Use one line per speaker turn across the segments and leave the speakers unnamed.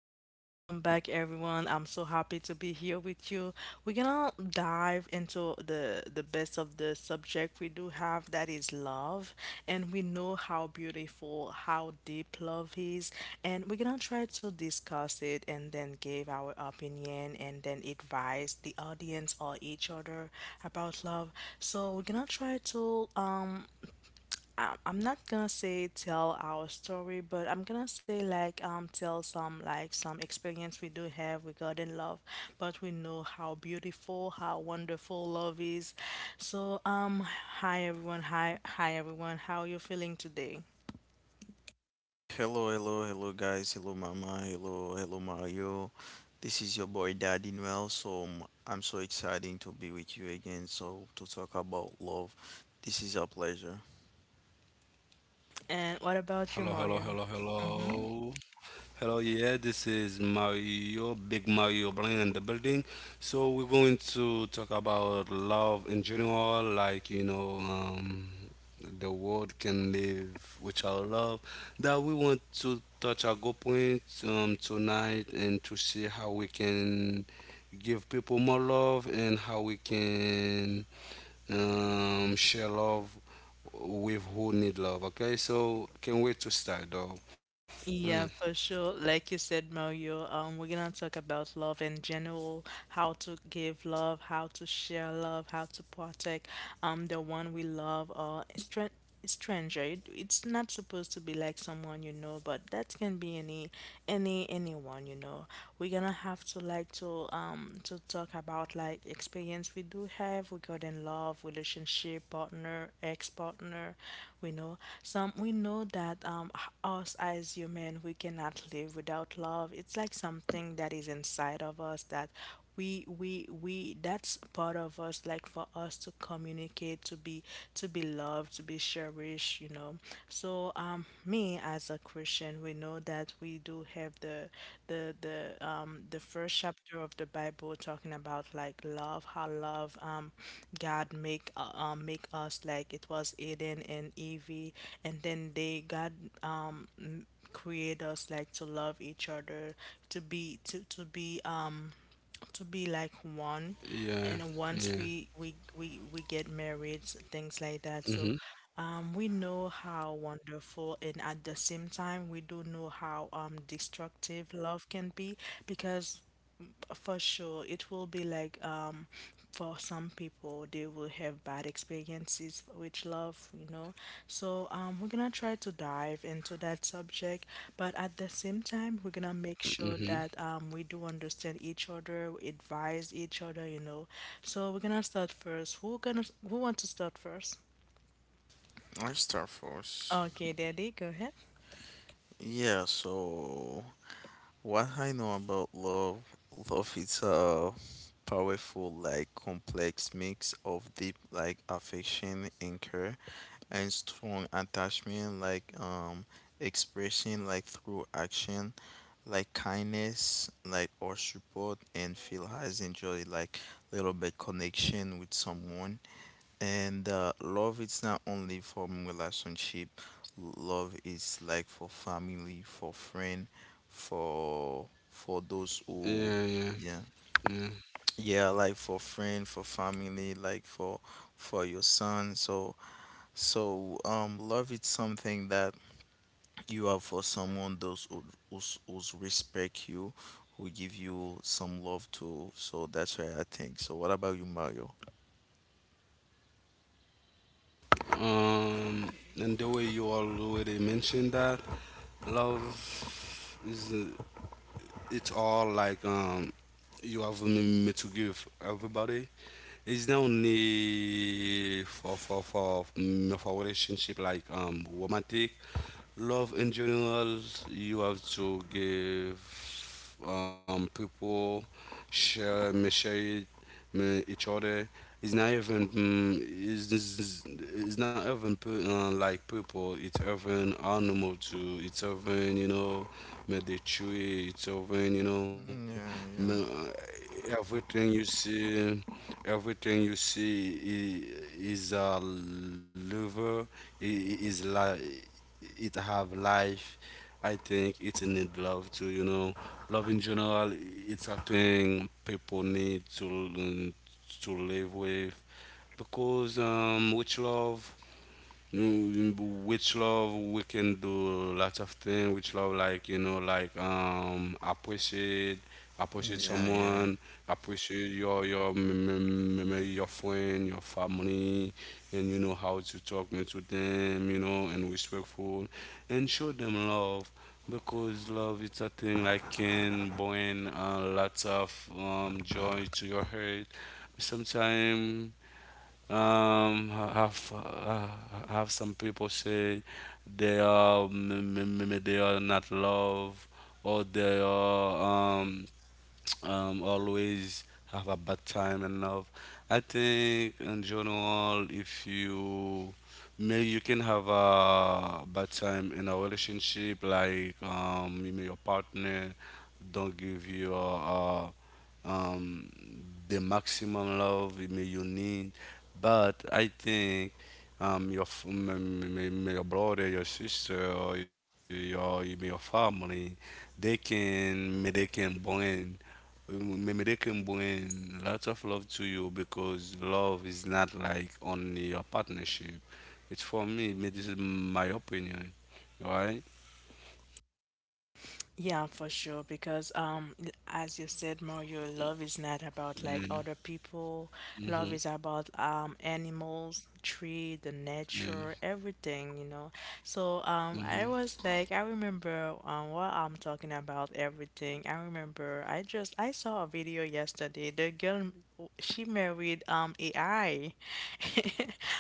Welcome back, everyone. I'm so happy to be here with you. We're gonna dive into the best of the subject we do have that is love, and we know how beautiful, how deep love is, and we're gonna try to discuss it and then give our opinion and then advise the audience or each other about love. So we're gonna try to I'm not gonna say tell our story, but I'm gonna say like tell some like some experience we do have regarding love, but we know how beautiful, how wonderful love is. So hi everyone, hi everyone, how are you feeling today?
Hello, hello, hello, guys. Hello, Mama. Hello, hello, Mario. This is your boy Daddy Noel. So I'm so excited to be with you again. So to talk about love, this is a pleasure.
And what
Hello,
about you,
hello, hello,
Mario? Mm-hmm.
hello. Hello, yeah, this is Mario, Big Mario Blaine in the building. So we're going to talk about love in general, like, the world can live without love. That we want to touch our good point tonight and to see how we can give people more love and how we can share love with who need love. Okay, so can't wait to start though. Mm,
Yeah, for sure. Like you said, Mario, we're gonna talk about love in general, how to give love, how to share love, how to protect the one we love or stranger. It's not supposed to be like someone you know, but that can be any anyone you know. We're gonna have to like to talk about like experience we do have regarding love, relationship, partner, ex partner. We know that us as human, we cannot live without love. It's like something that is inside of us that we that's part of us, like for us to communicate, to be loved, to be cherished, you know. So me as a Christian, we know that we do have the first chapter of the Bible talking about like love, how love God make make us. Like it was Eden and Evie, and then they God um create us like to love each other, to be to to be um to
yeah,
be like
yeah.
one. And once we get married,
Mhm,
things like that. So we know how wonderful, and at the same time we do know how destructive love can be, because for sure, it will be like, for some people they will have bad experiences with love, you know. So we're gonna try to dive into that subject, but
mhm.
at the same time, we're gonna make sure that we do understand each other, we advise each other, you know. So we're gonna start first. Who want to start first?
I start first.
Okay, Daddy, go ahead.
Yeah. So what I know about love, love is a powerful, like complex mix of deep, like affection and care and strong attachment like expression like through action like kindness like or support and feel has enjoyed like little bit connection with someone and love, it's not only for relationship. Love is like for family, for friend, for those
Yeah,
who
yeah,
yeah,
yeah.
yeah, like for friend, for family, like for your son. So so, love is something that you have for someone, those who's respect you, who give you some love too. So that's why I think. So, what about you, Mario?
Um, and the way you already mentioned that love is it's all like you have me to give everybody. It's not only for relationship like romantic love in general you have to give people share message man, each other. It's not even it's not even like people. It's even animal too. It's even man, they chew. It's even
Yeah,
man, everything you see, everything you see is a liver. Is like it have life. I think it need love too. You know, love in general. It's a thing people need to live with because with love, we can do lots of things. With love, like like appreciate,
yeah,
appreciate
yeah, yeah.
someone, appreciate your m- m- m- m- your friend, your family, and you know how to talk me to them, and respectful, and show them love because love is a thing like can bring lots of joy to your heart. Sometimes have some people say they are they are not love or they are always have a bad time in love. I think in general, if you maybe you can have a bad time in a relationship, like maybe your partner don't give you um, the maximum love you need. But I think your your brother, your sister, or your family, they can bring maybe they can bring lots of love to you because love is not like only a partnership. It's for me. This is my opinion, right?
Yeah, for sure. Because as you said, Mario, love is not about like
Mm-hmm.
other people. Love is about animals, tree, the nature,
Yeah.
everything, you know. So
Mm-hmm.
I was like, I remember what I'm talking about, everything. I remember I saw a video yesterday. The girl, she married AI,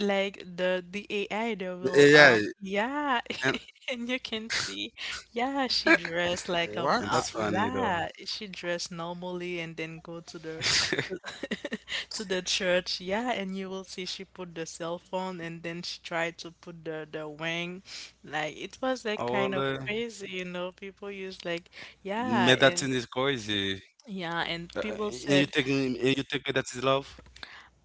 like the AI that will
Yeah,
yeah.
and
And you can see, yeah, she dressed like
and
a
What?
that's funny though.
la. She dressed normally and then go to the to, to the church. Yeah, and you will see she put the cell phone and then she tried to put the ring. Like it was like kind of
Olha,
crazy, you know. People use like yeah. And
medicine is crazy.
yeah, and
Uh,
people
and
said
you take me that is love?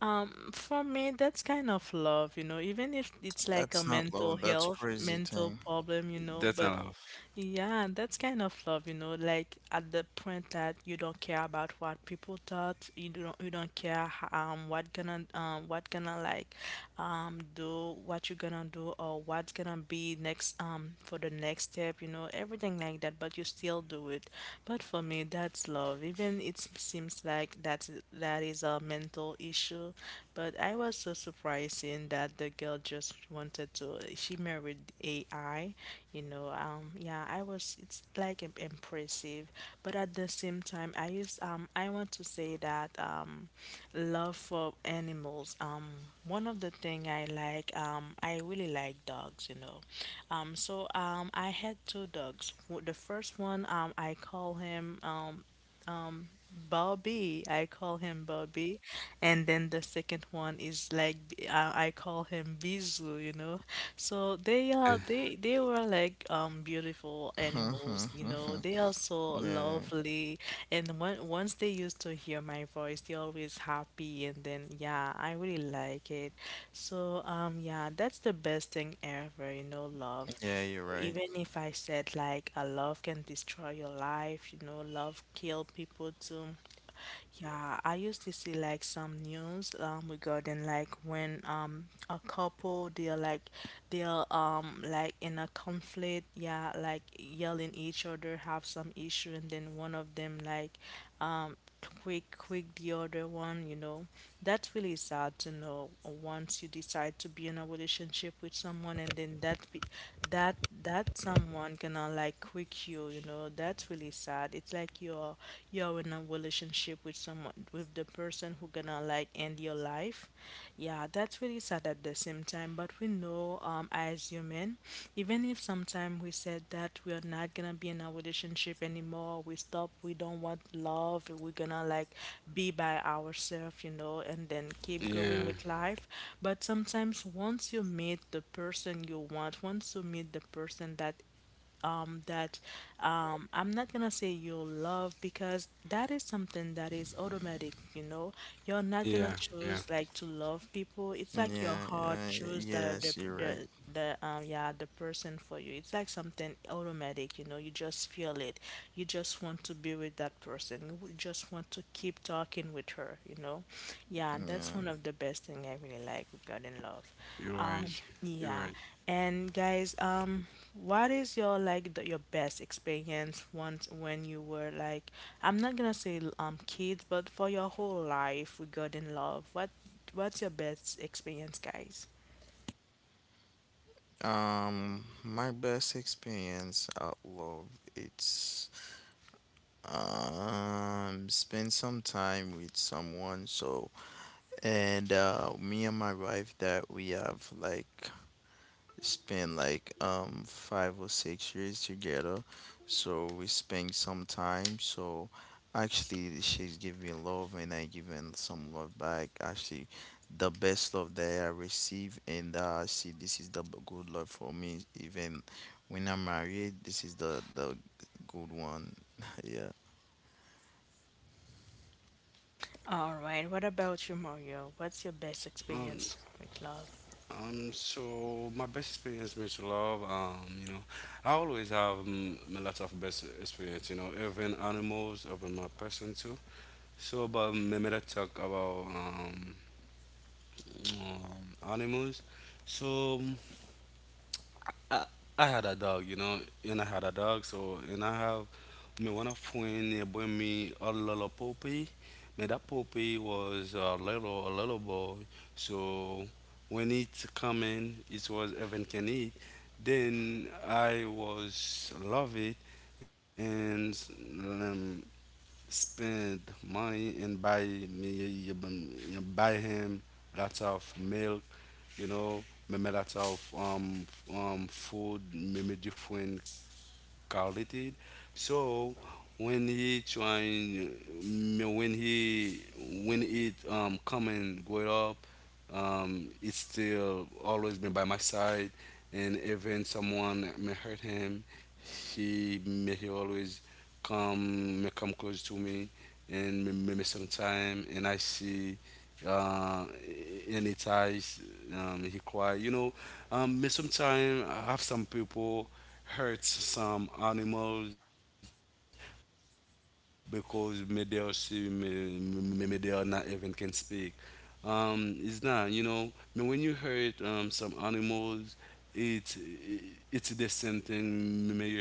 for me that's kind of love, you know, even if it's like a
That's not
mental
love. That's
health
crazy
mental
thing.
problem, you know. But
That's not love.
yeah, and that's kind of love, you know, like at the point that you don't care about what people thought, you don't care what gonna like do, what you're gonna do or what's gonna be next for the next step, you know, everything like that, but you still do it. But for me, that's love. Even it seems like that's that is a mental issue. But I was so surprised seeing that the girl just wanted to. She married AI, you know. Yeah, I was. It's like impressive, but at the same time, I used. I want to say that love for animals. One of the thing I like. I really like dogs, you know. So I had two dogs. The first one, I call him um, Bobby. I call him Bobby. And then the second one is like I call him Bizu, you know. So they are
Eh,
they were like beautiful animals, you know. They are so
Yeah,
lovely. And when, once they used to hear my voice, they're always happy, and then yeah, I really like it. So yeah, that's the best thing ever, you know. Love,
yeah, you're right.
even if I said like a love can destroy your life, you know, love kill people too. Yeah, I used to see like some news regarding like when a couple they're like in a conflict, yeah, like yelling each other, have some issue, and then one of them like um quick the other one, you know. That's really sad to know, once you decide to be in a relationship with someone and then that be, that that someone gonna like quit you, you know. That's really sad. It's like you're in a relationship with someone, with the person who gonna like end your life. Yeah, that's really sad at the same time, but we know as human, even if sometime we said that we are not gonna be in a relationship anymore, we stop, we don't want love, we're gonna like be by ourselves, you know, and then keep going
Yeah,
with life. But sometimes once you meet the person you want, once you meet the person that um, that I'm not gonna say you'll love, because that is something that is automatic, you know. You're not gonna
yeah,
choose
yeah.
like to love people. It's like your
Yeah,
heart
yeah, yeah,
chose
yes, you're right.
the yeah, the person for you. It's like something automatic, you know. You just feel it. You just want to be with that person. You would just want to keep talking with her, you know. Yeah, and that's one
Yeah.
of the best thing I really like regarding love.
You're right.
Um,
You're right.
yeah. And guys, what is your like your best experience once when you were like, I'm not gonna say kids, but for your whole life regarding love, what what's your best experience, guys?
My best experience at love, it's spend some time with someone. So, and me and my wife that we have like spent like 5 or 6 years together. So we spend some time. So actually, she's giving love and I giving some love back. Actually, the best love that I receive and see, this is the good love for me. Even when I'm married, this is the good one. yeah.
All right. What about you, Mario? What's your best
Um,
experience with love?
So my best experience with love, I always have a lot of best experience. You know, even animals, even my person too. So, but maybe let's talk about animals. So I, I had a dog, and I had a dog. So and I have me one of friend they bring me a little puppy. Man, that puppy was a little boy. So when it come in, it was even can eat. Then I was love it and um, spend money and buy him lots of milk you know, me met out of food, me different quality. So when he trying, when he when it come and growing up, it's still always been by my side. And even someone may hurt him, he always come close to me and may sometime and I see uh in his eyes he cry may sometime I have some people hurts some animals because maybe they are see- may they are not even can speak. It's not you know. But when you hurt some animals, it it's the same thing. May you hurt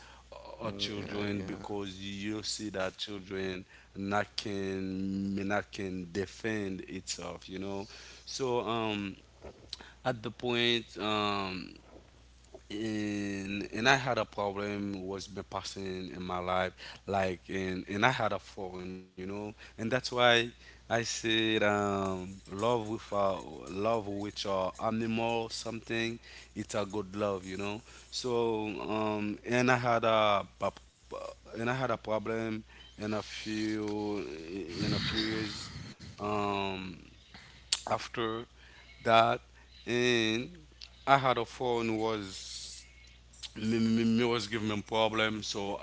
our children
Yeah,
because
yeah.
you see that children not can defend itself. You know, so at the point. And I had a problem was been passing in my life like and I had a phone and that's why I said love with a animal something it's a good love so and I had a problem in a few in a few years um after that and I had a phone was me was giving me problem so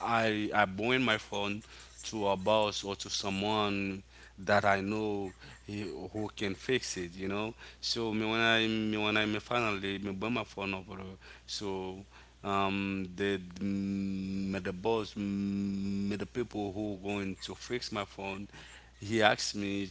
I bring my phone to a boss or to someone that I know who can fix it so me when I me when I me finally me bring my phone over there. So the me the boss me the people who going to fix my phone he asked me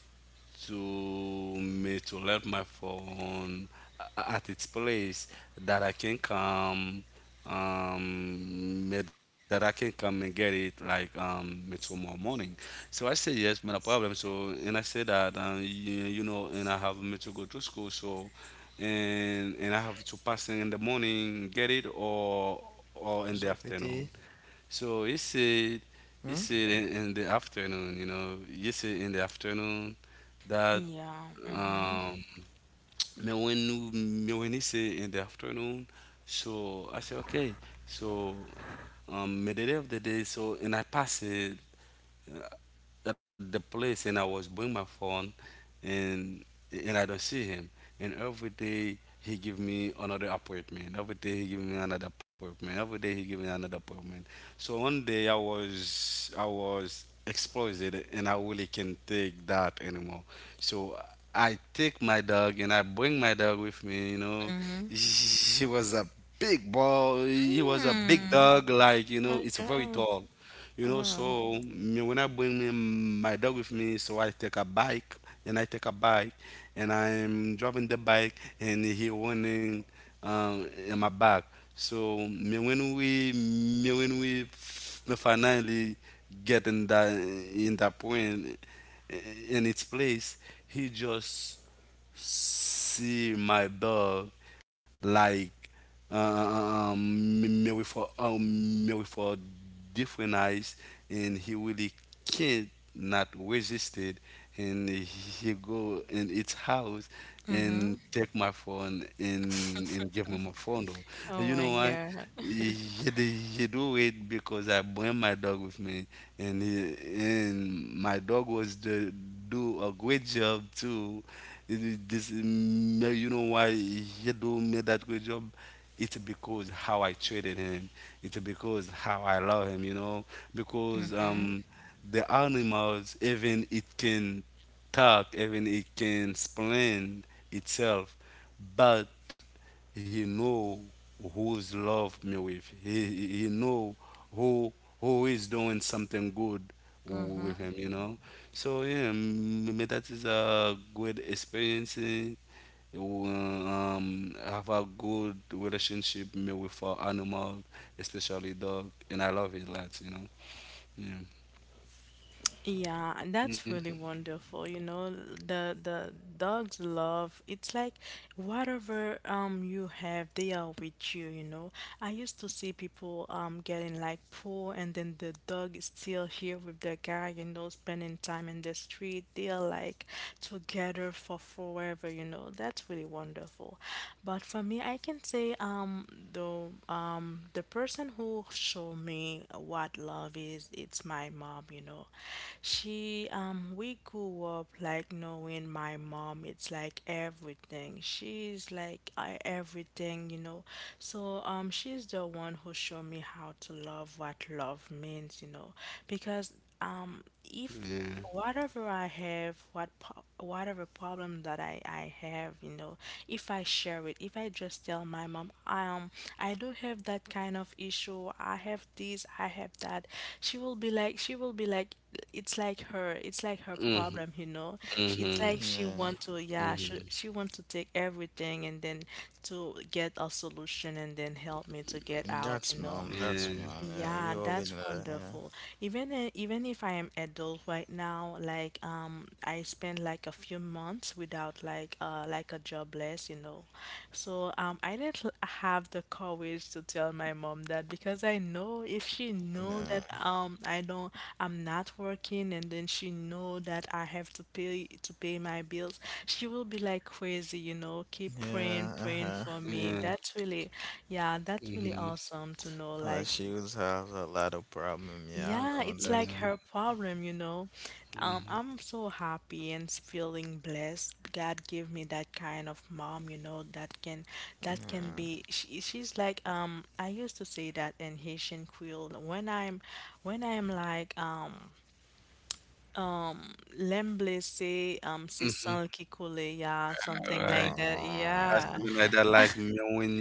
to me to let my phone at its place that I can come me- that I can come and get it like me tomorrow morning. So I say yes, man, no problem. So and I say that and I have me to go to school so and I have to pass in the morning get it or in the
Zopete.
afternoon. So he
Hmm?
said in the afternoon, that,
Yeah. Mm-hmm.
um, me when he said in the afternoon, so I said, okay, so, me the day of the day, so, and I passed it uh, at the place and I was bring my phone and and I don't see him. And every day he give me another appointment. Every day he give me another appointment. Every day he give me another appointment. So one day I was exploded and I really can't take that anymore. So I take my dog and I bring my dog with me. You know,
Mm-hmm.
he was a big boy. He was a big
Mm.
dog. Like
Oh my
it's very
God.
tall.
Oh.
So me, when I bring me, my dog with me, so I take a bike and I take a bike and I'm driving the bike and he running in my back. So me when we f- me finally get in that point in its place, he just see my dog like me with a different eyes, and he really can't not resist it, and he go in its house
Mm-hmm.
and take my phone and and give me my phone though. And
Oh
you
my
know why?
God.
He do it because I bring my dog with me and he- and my dog was the do a great job too. This you know why he do made that great job. It's because how I treated him. It's because how I love him. You know because
Mm-hmm.
the animals even it can talk even it can explain itself, but he know who's love me with. He know who who is doing something good with
Mm-hmm.
him. You know. So yeah, that is a good experience. Have a good relationship me with our animal, especially dog, and I love it lots. You know. Yeah.
Yeah,
Yeah.
and that's really wonderful. You know, the dogs love. It's like whatever you have, they are with you, you know. I used to see people getting like poor, and then the dog is still here with the guy, you know, spending time in the street. They are like together for forever, you know. That's really wonderful. But for me, I can say the person who showed me what love is. It's my mom, you know. We grew up like knowing my mom. It's like everything. She's like everything, you know. So, she's the one who showed me how to love, what love means, you know, because. Um, if
Yeah.
whatever I have, whatever problem that I have, you know, if I share it, if I just tell my mom, I do have that kind of issue. I have this, I have that. She will be like, it's like her
Mhm.
problem, you know.
Mhm.
It's like she
Yeah.
want to, yeah,
Mhm.
she want to take everything and then to get a solution and then help me to get out,
That's
you know.
mom, that's
Yeah.
mom. Yeah,
Yeah,
you already
that's
know that, yeah.
wonderful. Even even if I am adult right now, like I spend like a few months without like like a jobless, you know. So I didn't have the courage to tell my mom that, because I know if she know that
Yeah.
I don't, I'm not working, and then she know that I have to pay my bills, she will be like crazy, you know, keep praying,
Yeah,
praying
uh-huh.
for me.
Yeah.
That's really yeah, that's really
Mhm.
awesome to know,
Well,
like
she was have a lot of problem, yeah,
yeah,
I know
it's like
that.
Yeah.
her problem, you know.
Mhm.
I'm so happy and feeling blessed. God give me that kind of mom, you know, that can
Yeah.
she's like I used to say that in Haitian Creole when I'm like l'emblessé c'est
Mhm.
sans qui coule, yeah,
All
something
right.
like that.
Or
Oh,
Yeah.
something like that. Like when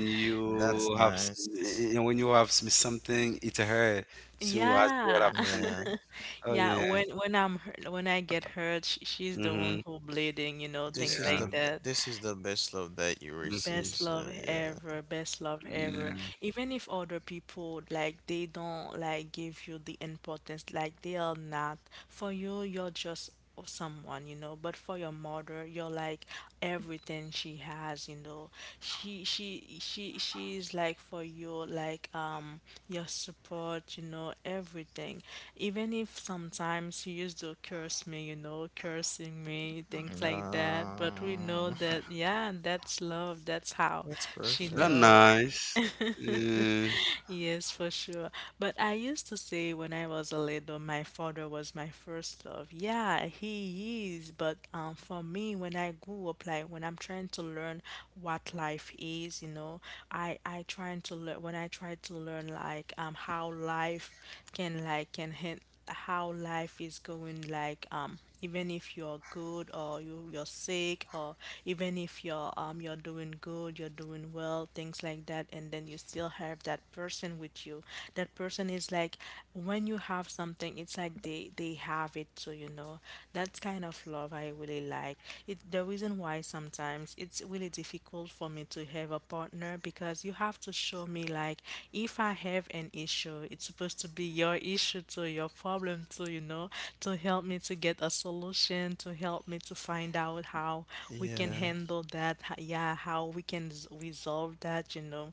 that's
you have,
nice.
when you have something, it hurt to as well
Yeah.
have
Yeah.
something. Oh
Yeah,
yeah.
when I'm hurt, when I get hurt, sh she's the
Mm-hmm.
one who bleeding, you know,
This
things
is the
like
Yeah.
that.
this is the best love that you
Mm-hmm.
receive,
Best love
so yeah.
ever, best love ever.
Yeah.
Even if other people like they don't like give you the importance, like they are not. For you, you're just someone, you know. But for your mother, you're like everything she has, you know. She's like for your like your support, you know, everything. Even if sometimes she used to curse me, you know, cursing me, things like that, but we know
No,
that, yeah, that's love. That's how
that's
she
That's
perfect.
loved.
nice. Yeah.
Yes, for sure. But I used to say when I was a little, my father was my first love. Yeah, he is. But for me, when I grew up, like when I'm trying to learn what life is, you know, I trying to learn, when I try to learn, like how life can like can hit, how life is going, like even if you're good or you're sick, or even if you're you're doing good, you're doing well, things like that, and then you still have that person with you. That person is like, when you have something, it's like they have it, so you know, that's kind of love I really like it. The reason why sometimes it's really difficult for me to have a partner, because you have to show me like, if I have an issue, it's supposed to be your issue to your problem to you know, to help me to get a solution, to help me to find out how we can
Yeah.
handle that, yeah, how we can resolve that, you know.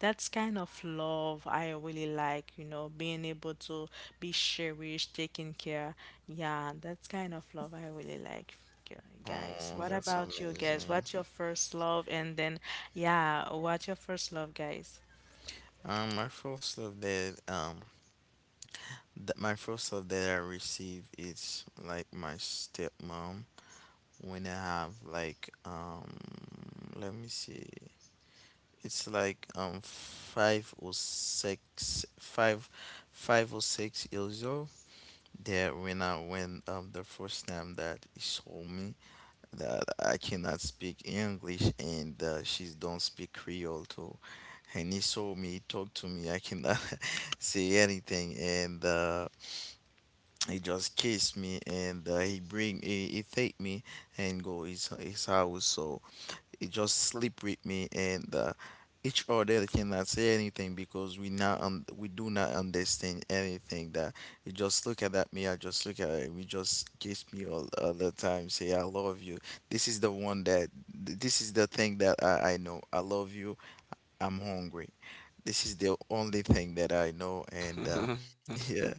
That's kind of love I really like, you know, being able to be cherished, taken care. Yeah, that's kind of love I really like. gu- Guys,
Oh,
what
that's
about you, guys?
amazing.
What's your first love? And then, yeah, what's your first love, guys?
Um, my first love that um my first love that I receive is like my stepmom, when I have like let me see, it's like five or 6 years old. That when I went the first time that he saw me, that I cannot speak English and she don't speak Creole too. And he saw me, talk to me. I cannot say anything. And he just kissed me and he bring, he take me and go his house. So it just sleep with me and each other cannot say anything, because we now we do not understand anything. That you just look at that, me I just look at it, we just kiss me all the time, say I love you. This is the one that this is the thing that I know I love you, I'm hungry. This is the only thing that I know. And yeah,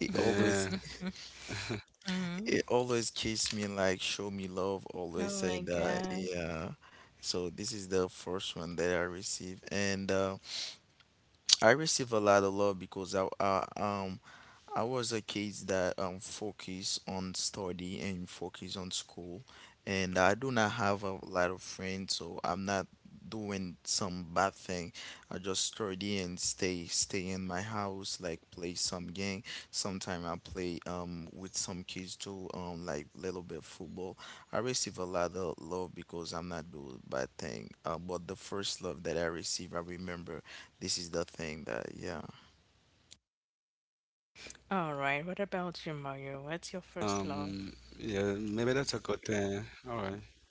it always
Hmm.
it always kiss me like, show me love,
Oh
always say
my
that,
god.
yeah. So this is the first one that I receive. And I receive a lot of love because I was a kid that focused on study and focused on school, and I do not have a lot of friends, so I'm not doing some bad thing. I just study and stay in my house, like play some game. Sometimes I play with some kids too, like little bit football. I receive a lot of love because I'm not doing bad thing. But the first love that I receive, I remember. This is the thing that yeah,
All right. What about
Um.
you, Mario?
Yeah.
What's your
Maybe that's
first
a good
love?
thing. All right.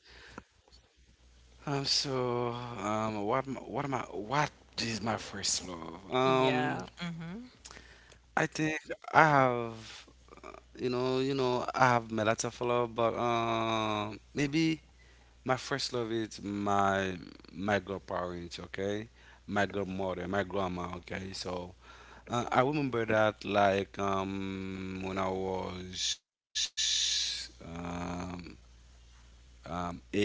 So. What? What am I? What is my first love?
Yeah. Mm-hmm.
I think I have, uh, you know, I have my lots of love, but maybe my first love is my grandparents, okay, my grandmother, my grandma, okay. So I remember that like when I was eight,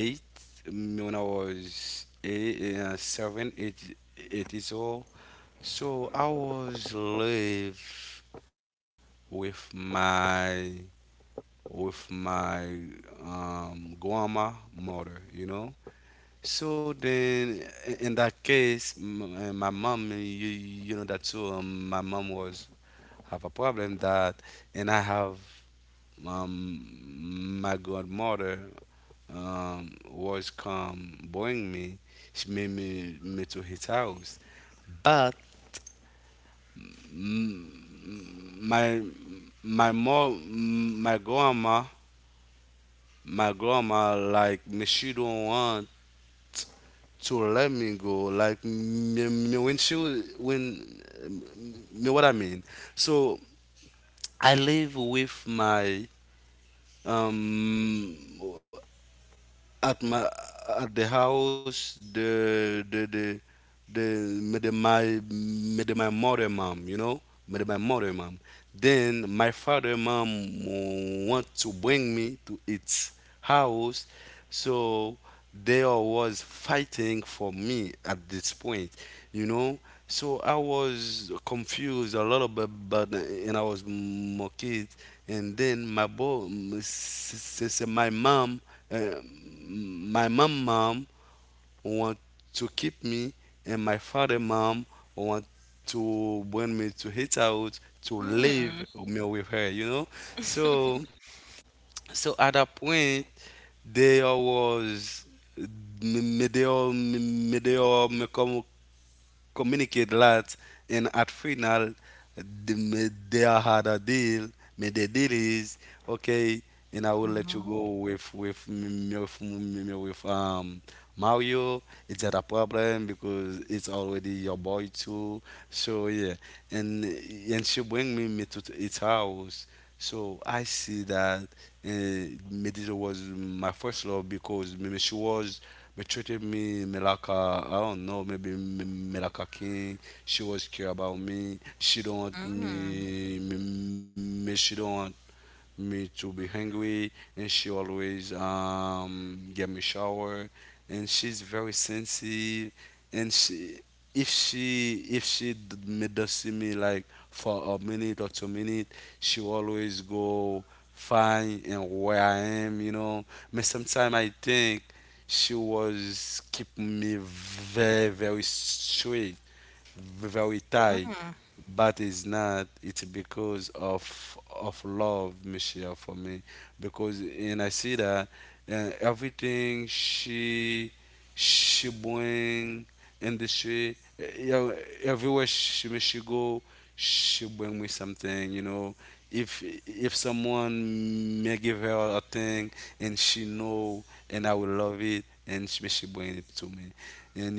when I was eight, seven, eight, 8 years old. So I was live with my with my grandma mother, you know. So then, in that case, my mom, you know that too. My mom was have a problem that, and I have my godmother was come bring me. She made me to his house, but mm, my my mom, my grandma like me she don't want to let me go. Like me, me when she when me what I mean. So I live with my um at my at the house the made my mother mom made my mother mom. Then my father mom want to bring me to its house, so they all was fighting for me at this point, you know. So I was confused a little bit, but and I was more kid. And then my boy, my mom, uh, my mom want to keep me, and my father mom want to bring me to his house to live
Mm.
me with her, you know. So so at that point there was me me- they all me come communicate lots, and at final, they had a deal. Made the deal is okay, and I will let you
Mm-hmm.
go with m- m- with Mario. It's not a problem because it's already your boy too. So yeah, and she bring me, me to its house. So I see that Medina was my first love because me she was. But treated me, me like a, I don't know, maybe me, me like a king. She was care about me. She don't want
Mm.
me, me, me she don't want me to be hungry, and she always get me shower, and she's very sensitive, and she if she d- me does see me like for a minute or 2 minutes, she always go find and where I am, you know. But sometimes I think she was keep me very very straight, very tight.
Mm.
But it's not it's because of love michelle for me, because and I see that everything she bring in the street, you know, everywhere she go she bring me something, you know. if if someone may give her a thing and she know and I will love it, and may she bring it to me.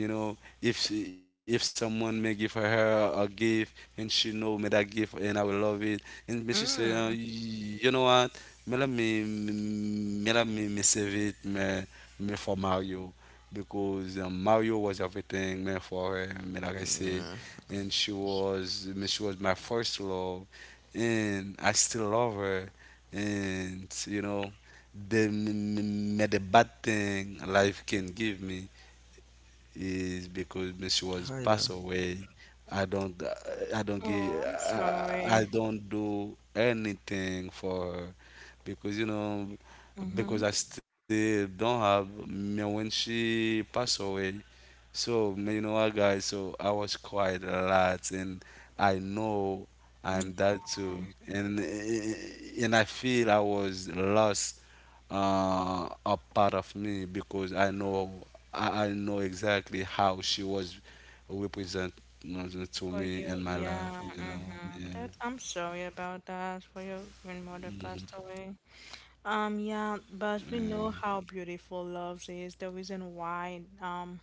And you know, if someone may give her a gift and she know me that gift and I will love it. And me she say,
Mm.
you know what? Me save it me me for Mario, because Mario was everything man for her. Me like I said,
yeah.
and she was me she was my first love, and I still love her. And you know, the me the bad thing life can give me is because when she was
Hi.
passed away. I don't,
Oh, I'm sorry.
I don't do anything for her, because you know,
Mm-hmm.
because I still don't have. Me When she passed away, so you know what, guys? So I was quiet a lot, and I know I'm
Mm.
that too, and and I feel I was lost a part of me because I know I know exactly how she was represent, you know, to
For
me
you,
in my life.
yeah.
You know,
Mm-hmm.
yeah,
That I'm sorry about that. For your
yeah,
grandmother passed away. Yeah, but we know how beautiful love is. The reason why,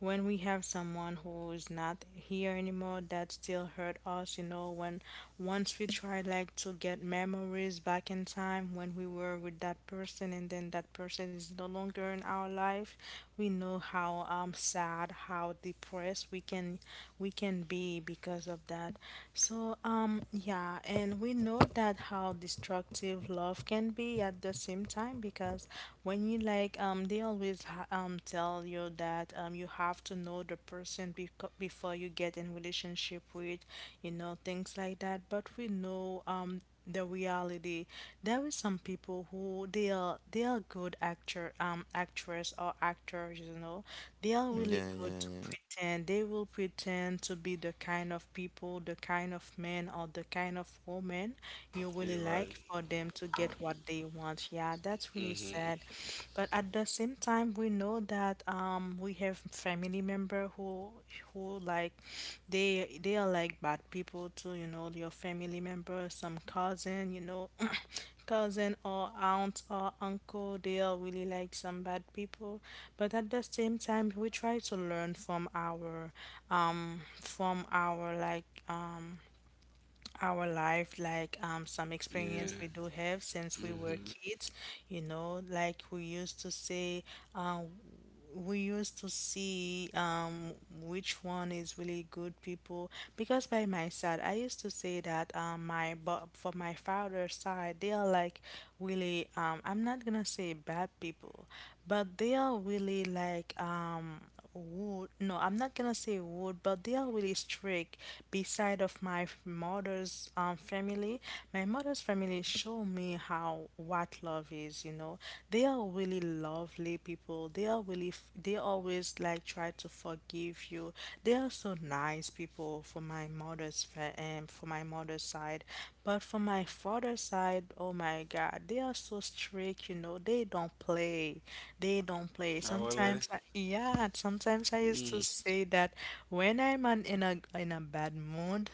when we have someone who is not here anymore, that still hurt us, you know. When once we try like to get memories back in time, when we were with that person, and then that person is no longer in our life, we know how sad, how depressed we can be because of that. So yeah, and we know that how destructive love can be at the same time, because when me, like they always tell you that you have to know the person, before you get in relationship with, you know, things like that. But we know the reality. There is some people who they are good actor, actress or actors, you know. They are really
Yeah, yeah,
good to
yeah.
pretend. They will pretend to be the kind of people, the kind of men, or the kind of woman you really
you're
like,
right.
for them to get what they want. Yeah, that's really
Hmm.
sad. But at the same time, we know that we have family member who like they are like bad people too. You know, your family member, some cousin. You know, cousin or aunt or uncle, they are really like some bad people. But at the same time, we try to learn from our um, from our like our life, like some experience
Yeah.
we do have since we were
Hmm.
kids, you know, like we used to say uh, we used to see which one is really good people. Because by my side, I used to say that my, but for my father's side, they are like really I'm not gonna say bad people, but they are really like would, no, I'm not gonna say would, but they are really strict. Beside of my mother's family, my mother's family show me how what love is. You know, they are really lovely people. They are really they always like try to forgive you. They are so nice people for my mother's for my mother's side, but for my father's side, oh my God, they are so strict. You know, they don't play. They don't
I
play.
will.
Sometimes I, yeah, sometimes I used to say that when I'm on, in a bad mood,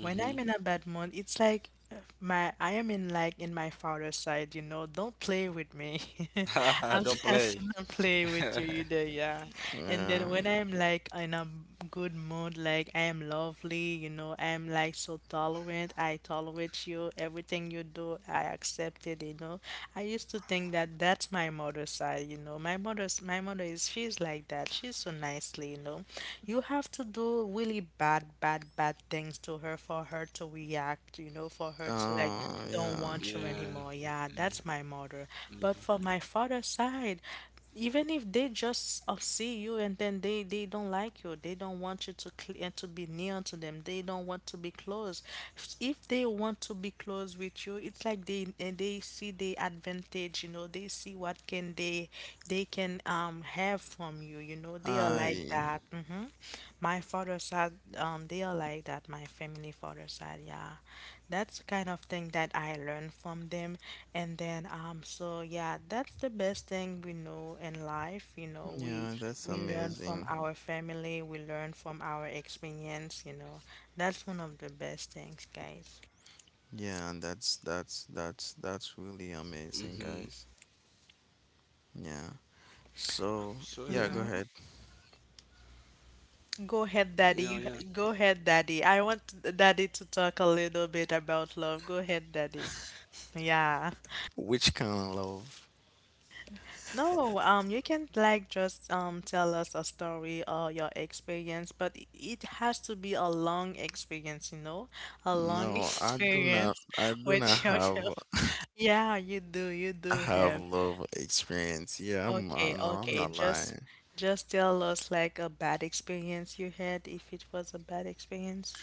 when I'm in a bad mood, it's like my, I am in like in my father's side, you know, don't play with me. I'm
Don't
not
play.
gonna play with you either, yeah. And then
Yeah.
when I'm like in a good mood, like I am lovely, you know, I am like so tolerant, I tolerate you, everything you do, I accept it, you know. I used to think that that's my mother's side, you know. My mother's, my mother is, she's like that. She's so nicely, you know. You have to do really bad, bad, bad things to her for her to react, you know, for her to like
Oh,
don't
yeah.
want
Yeah.
you anymore. Yeah, that's my mother.
Mhm.
But for my father's side, even if they just see you, and then they don't like you, they don't want you to to be near to them, they don't want to be close. If they want to be close with you, it's like they, and they see the advantage, you know, they see what can they can have from you, you know, they are like
I,
that. Hmm. My father side, they are like that. My family father side, yeah. That's the kind of thing that I learned from them. And then, so yeah, that's the best thing we know in life. You know,
yeah, that's
we learn from
amazing.
our family. We learn from our experience. You know, that's one of the best things, guys.
Yeah, that's really
Mhm.
amazing, guys. Yeah. So,
So yeah,
yeah, go
Mm-hmm.
ahead.
Go ahead,
yeah,
Daddy.
yeah.
Go ahead, Daddy. I want Daddy to talk a little bit about love. Go ahead, Daddy. Yeah.
Which kind of love?
No, you can like just tell us a story or your experience, but it has to be a long experience, you know, a long
No, I do not
experience
I do not
with
have
yourself. Yeah, you
I
do
have
have.
love experience. Yeah, I'm
Okay,
no, I'm
okay,
not lying.
just tell us like a bad experience you had, if it was a bad experience.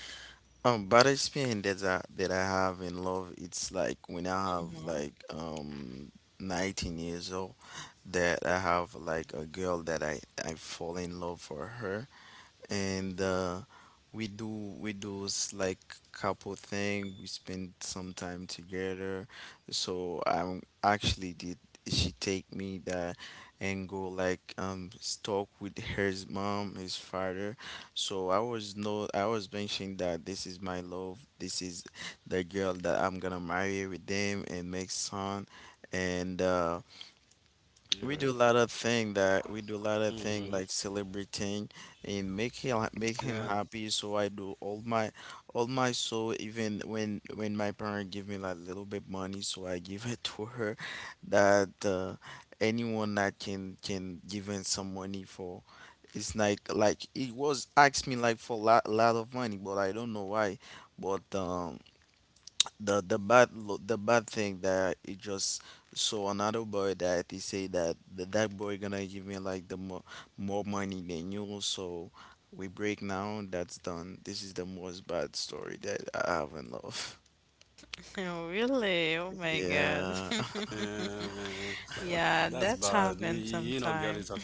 Bad experience that I, have in love, it's like when I have
Mm-hmm.
like 19 years old, that I have like a girl that I fall in love for her, and like couple thing. We spend some time together. So I'm actually did she take me there and go like talk with her mom, his father. So I was, no, I was mentioning that this is my love. This is the girl that I'm gonna marry with them and make son
You're right.
and. We
Mhm.
do a lot of thing, that we do a lot of thing like
Yeah.
celebrating and make him make him happy. So I do all my, soul. Even when my parent give me like little bit money, so I give it to her. That anyone that can give in some money for, it's like it was asked me like for lot of money, but I don't know why. But the bad thing that it just saw another boy, that he say that that boy gonna give me like the more money than you. So we break now, that's done. This is the most bad story that I have in love.
Oh, really? Oh my God.
Yeah,
Uh, that's
Yeah,
bad. You,
that's
you know,
happened
girl is a
sometime.
killer.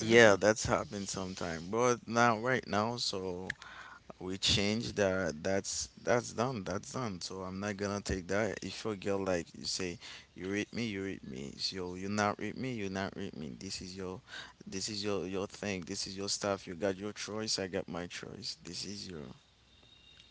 yeah. That's happened sometime, but not right now. So we change that, that's done, that's done. So I'm not gonna take that. If your girl, like, you say you read me, you read me, so you not read me, you not read me, this is your, this is your thing, this is your stuff, you got your choice, I got my choice, this is your,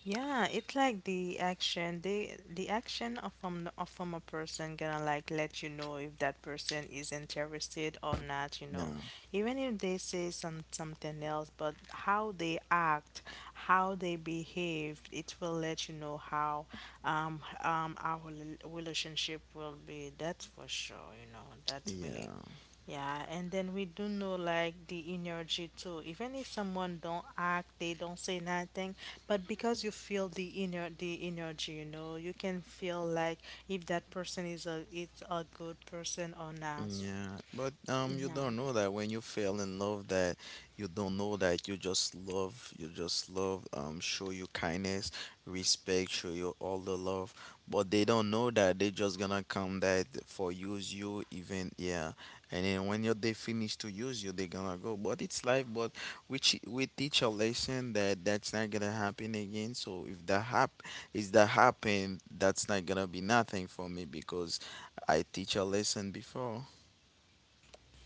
Yeah, it's like the action, they the action of from a person gonna like let you know if that person is interested or not, you know.
yeah,
Even if they say some something else, but how they act, how they behave, it will let you know how our relationship will be. That's for sure, you know. That's really.
yeah.
Yeah, and then we do know like the energy too. Even if someone don't act, they don't say nothing, but because you feel the inner the energy, you know, you can feel like if that person is a, it's a good person or not.
Yeah, but you
Yeah.
don't know that when you fell in love, that you don't know, that you just love, show you kindness, respect, show you all the love, but they don't know that they just gonna come that for use you, even yeah. And then when you, they finish to use you, they gonna go. But it's life. But we we teach a lesson that that's not gonna happen again. So if that hap is that happen, that's not gonna be nothing for me because I teach a lesson before.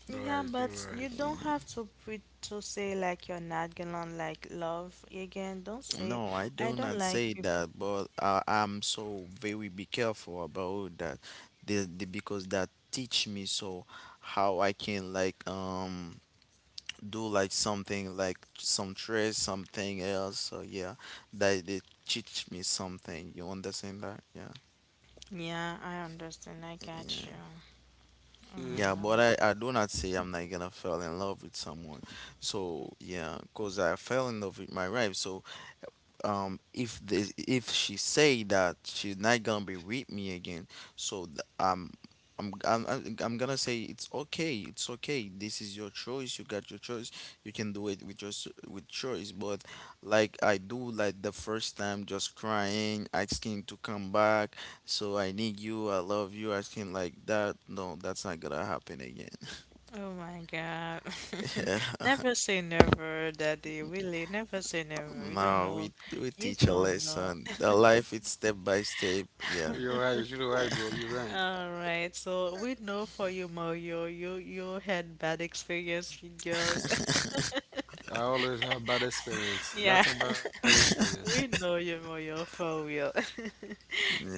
Yeah,
Right. You're
but you
right.
don't have to pre to say like you're not gonna like love again. Don't say
No, I do
I don't
not say
like people.
that, but I'm so very be careful about that, because that teach me so how I can like do like something, like some trade, something else. So yeah, that they teach me something. You understand that? Yeah,
Yeah, I understand. I got you.
yeah,
Yeah,
Mm,
yeah. But
yeah.
I do not say I'm not gonna fall in love with someone. So yeah, cause I fell in love with my wife. So if this if she say that she's not gonna be with me again, so I'm gonna say it's okay, it's okay, this is your choice, you got your choice, you can do it with with choice. But like I do, like the first time, just crying, asking to come back, so I need you, I love you, asking like that, no, that's not gonna happen again.
Oh my God. Never say never, Daddy. Really, never say never. You don't
No,
know.
we
You
teach a
don't know.
lesson. The life, it's step by step, yeah,
you're right. You're right, bro. You're right.
All right. So we know for you, Mario, you had bad experience with girls.
I always have bad experience.
Yeah.
Lots of bad experience.
We know you, Mario, for real.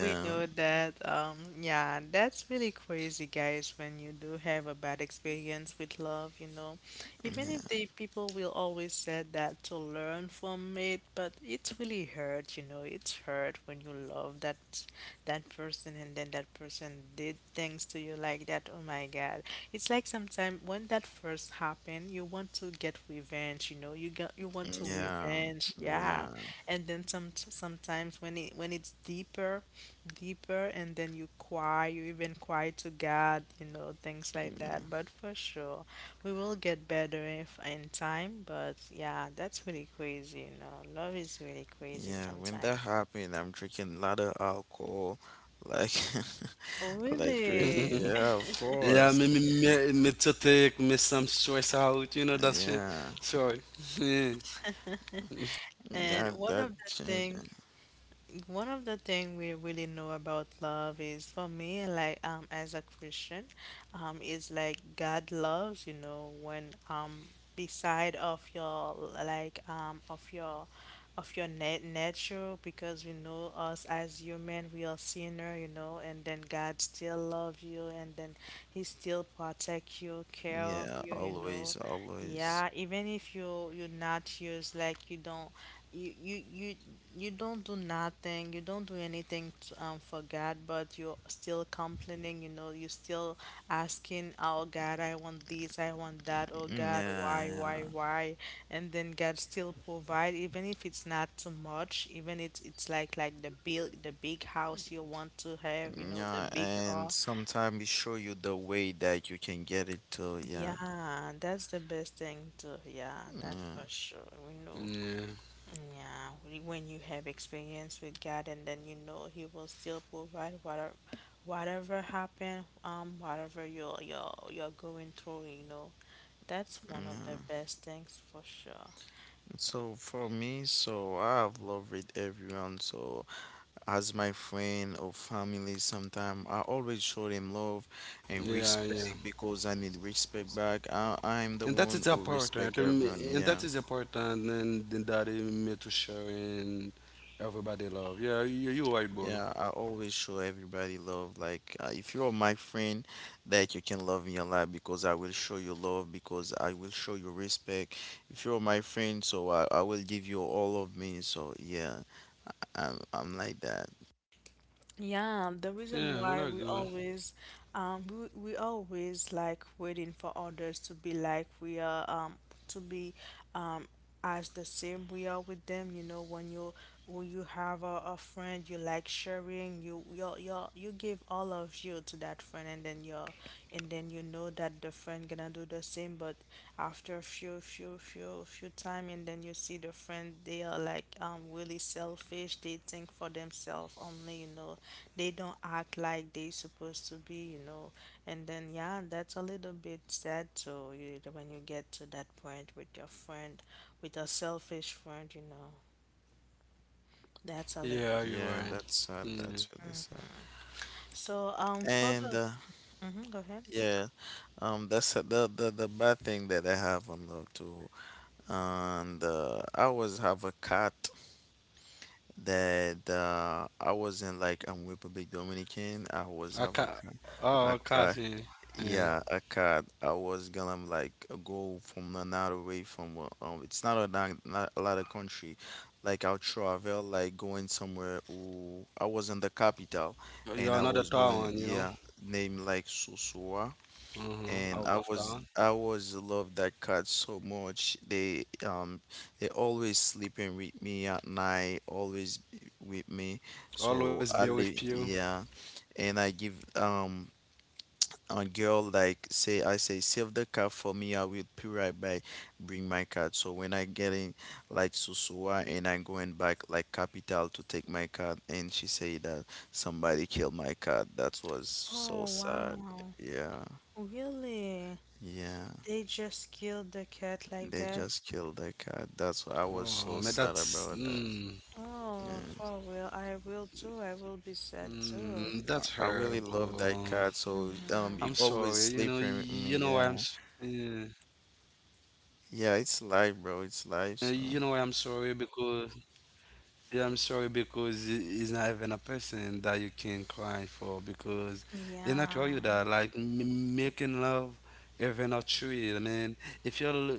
We know that, yeah, that's really crazy, guys, when you do have a bad experience with love, you know. Even if the people will always say that to learn from it, but it's really hurt, you know. It's hurt when you love that that person, and then that person did things to you like that. Oh my God. It's like sometimes when that first happened, you want to get revenge, you know. You want to
Yeah,
revenge, yeah.
yeah,
And then some sometimes when it, when it's deeper deeper, and then you cry, you even cry to God, you know, things like that. But for sure, we will get better if in time. But yeah, that's really crazy, you know. Love is really crazy
yeah. When
sometimes.
that happened, I'm drinking a lot of alcohol, like,
Oh,
like crazy.
really?
Yeah, of
Yeah,
course.
me to take me some stress out. You know that shit.
Yeah,
Sorry.
And
that
one
that
of the
changed.
things, one of the thing we really know about love is, for me, like as a Christian, is like God loves, you know, when beside of your like of your nature, because we know us as human, we are sinner, you know, and then God still love you, and then he still protect you, care of
Yeah,
you, you know.
always, always.
Yeah, even if you you're not used, like you don't you you don't do nothing, you don't do anything to, for God, but you're still complaining, you know, you're still asking, "Oh God, I want this, I want that. Oh
Mm,
God,
yeah, yeah,
why, why?" And then God still provide, even if it's not too much, even it's like the big the big house you want to have, you know, the
yeah.
big
And
car.
sometimes it show you the way that you can get it to. Yeah,
Yeah, that's the best thing too. Yeah, that
yeah,
for sure. We know.
Yeah.
Yeah, when you have experience with God and then you know He will still provide whatever happened, whatever you're going through, you know, that's one of the
yeah.
best things for sure.
So for me, so I have loved with everyone. So as my friend or family, sometime I always show them love and
Yeah. Yeah.
respect,
Yeah.
because I need respect back. I'm the
And that
one
is
who respect
important.
everyone,
And
yeah.
that is important, and that is made to share and everybody love. Yeah, you right, bro.
Yeah, I always show everybody love. Like if you're my friend, that you can love me a lot, because I will show you love, because I will show you respect. If you're my friend, so I will give you all of me, so yeah, I'm like that.
Yeah, the
Yeah, we're
reason
not
why
good.
we always, we always like waiting for others to be like we are, to be, um, as the same we are with them, you know. When you when you have a friend you like sharing, you give all of you to that friend, and then you know that the friend gonna do the same, but after a few time, and then you see the friend they are like really selfish. They think for themselves only, you know. They don't act like they supposed to be, you know. And then yeah, that's a little bit sad. So you when you get to that point with your friend, with a selfish friend, you know, that's a little
Yeah,
bit
you
Yeah,
right.
sad.
that's sad,
Yeah,
that's really sad.
So, for
And
mm-hmm, go ahead.
yeah, that's the bad thing that I have on love too. And I always have a cat, that I was in like Republic Dominican. I always
I
have
ca—
a
oh,
cat,
Cassie. Yeah.
yeah, a cat. I was gonna like go from another way, from it's not a lot of country. Like I'll travel, like going somewhere. Ooh, I was in the capital,
Yeah,
and
you're
I
another
was going,
town, you know.
yeah, name like Susua,
Uh-huh.
and
Out
I
of
was
town.
I was love that cat so much. They always sleeping with me at night, always be with me.
Always
So
be
I
with
live,
you.
yeah, and I give a girl, like, say, I say, save the cat for me. I will be right back, bring my cat. So when I get in like Susua and I'm going back like capital to take my cat, and she say that somebody killed my cat. That was
Oh,
so sad.
wow.
Yeah,
Really?
yeah.
They just killed the cat like
They
that?
just
Oh, man,
killed that
that's
cat. That's why I was so sad about that.
Oh, for real. I will too. I
that's
will be sad
horrible.
too.
I really
I'm
love that
sorry.
cat, so
You
you
Mm-hmm.
know why I'm.
always sleeping with
Yeah.
me. Yeah, yeah, it's life,
You know
bro.
why I'm
It's life.
sorry,
So
because yeah, I'm sorry because it- it's not even a person that you can cry for because they not tell you
Yeah.
that like m making love. Even a tree. I mean, if you are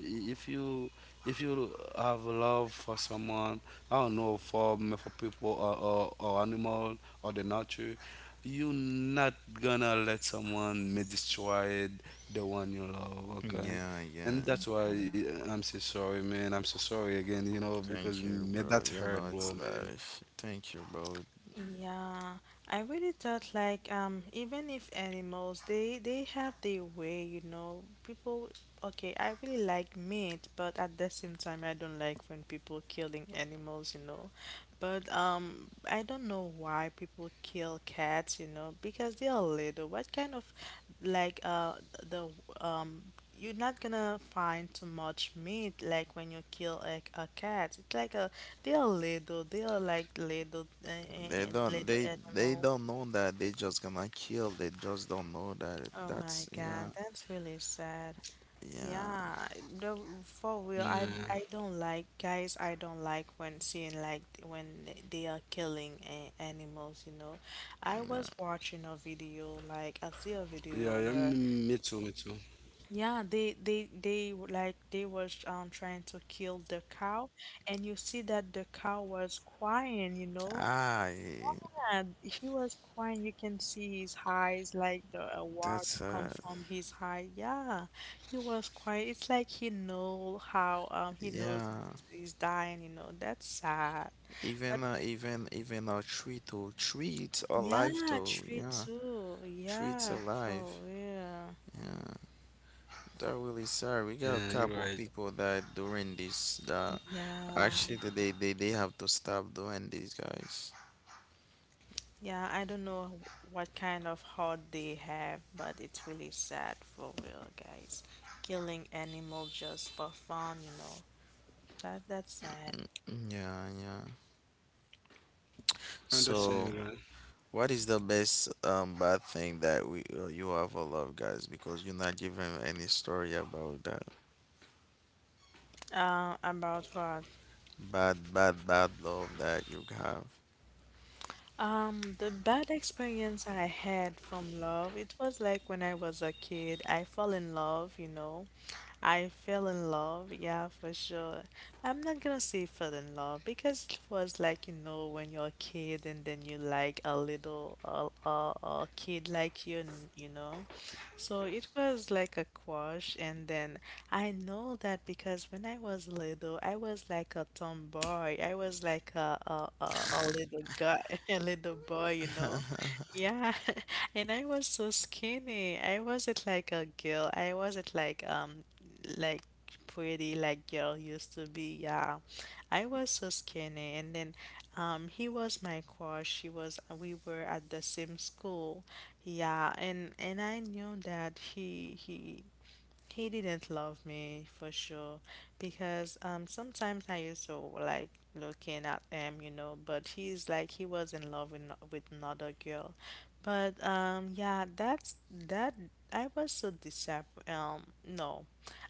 if you if you have love for someone, I don't know for for people or animal or the nature, you not gonna let someone may destroy the one you love. Okay,
yeah, yeah.
and that's why I'm so sorry, man. I'm so sorry again, you know, because
Thank you,
man,
bro.
that's
You know
hard,
it's
bro, man.
life. Thank you, bro.
Yeah, I really thought like even if animals, they have their way, you know. People okay, I really like meat, but at the same time I don't like when people killing animals, you know. But I don't know why people kill cats, you know, because they are little. What kind of like the you're not gonna find too much meat like when you kill a cat. It's like a they're little, they're like little
They don't.
little
They
animal.
don't know that. They just gonna kill. They just don't know that.
Oh
That's
my
yeah,
God, that's really sad.
yeah,
Yeah, the, for real,
Yeah,
I don't like, guys. I don't like when seeing like when they are killing a animals, you know. I was
yeah.
watching
yeah,
a
yeah,
video,
me
like
too,
I
me
see
too.
a video where yeah, like they was trying to kill the cow, and you see that the cow was crying, you know?
Ah,
Yeah, he was crying. You can see his eyes, like the water
that's
come from his eye. Yeah, he was crying. It's like he know how he knows
yeah.
he's dying, you know. That's sad. But
Even even a tree though, treats alive
yeah,
though,
tree
yeah,
too.
treats
Yeah,
alive.
for real.
Yeah, that really sad. We
Yeah,
got a
you're right.
couple people that during this that
Yeah.
actually they have to stop doing these guys.
Yeah, I don't know what kind of heart they have, but it's really sad for real, guys. Killing animal just for fun, you know. That's sad.
Yeah, yeah.
I understand
So,
you, right.
what is the best bad thing that we you ever love, guys? Because you're not giving any story about that
About what?
bad love that you have.
The bad experience I had from love, it was like when I was a kid, I fell in love, you know. I fell in love, yeah, for sure. I'm not gonna say fell in love because it was like, you know, when you're a kid, and then you like a little a kid like you, you know. So it was like a crush, and then I know that because when I was little, I was like a tomboy. I was like a a little guy, a little boy, you know. Yeah. And I was so skinny. I wasn't like a girl. I wasn't like like pretty like girl used to be. Yeah, I was so skinny, and then he was my crush. He was we were at the same school. Yeah, and I knew that he didn't love me for sure, because sometimes I used to like looking at him, you know, but he's like he was in love with, with another girl. But yeah, that's that I was so disappointed. No.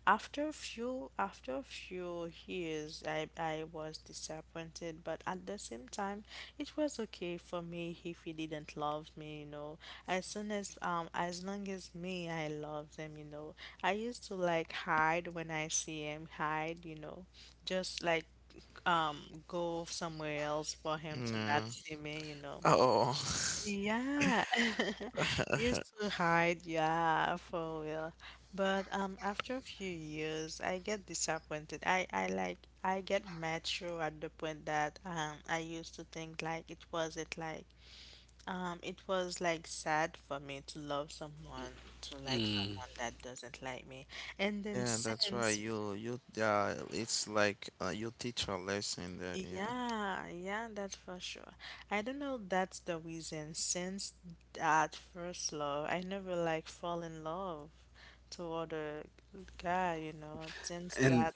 After a few years I was disappointed, but at the same time it was okay for me if he didn't love me, you know. As soon as long as me I love them, you know. I used to like hide when I see him, hide, you know, just like go somewhere else for him to not
Yeah.
see me, you know.
Oh.
Yeah. Used to hide, yeah, for real. But after a few years I get disappointed. I like I get mature at the point that I used to think like it wasn't like it was like sad for me to love someone, to like
Mm.
someone that doesn't like me. And then
Yeah, that's right.
since,
You it's like you teach a lesson that yeah.
yeah, yeah, that's for sure. I don't know if that's the reason. Since that first love, I never like fall in love to other guy, you know. Since
And
that,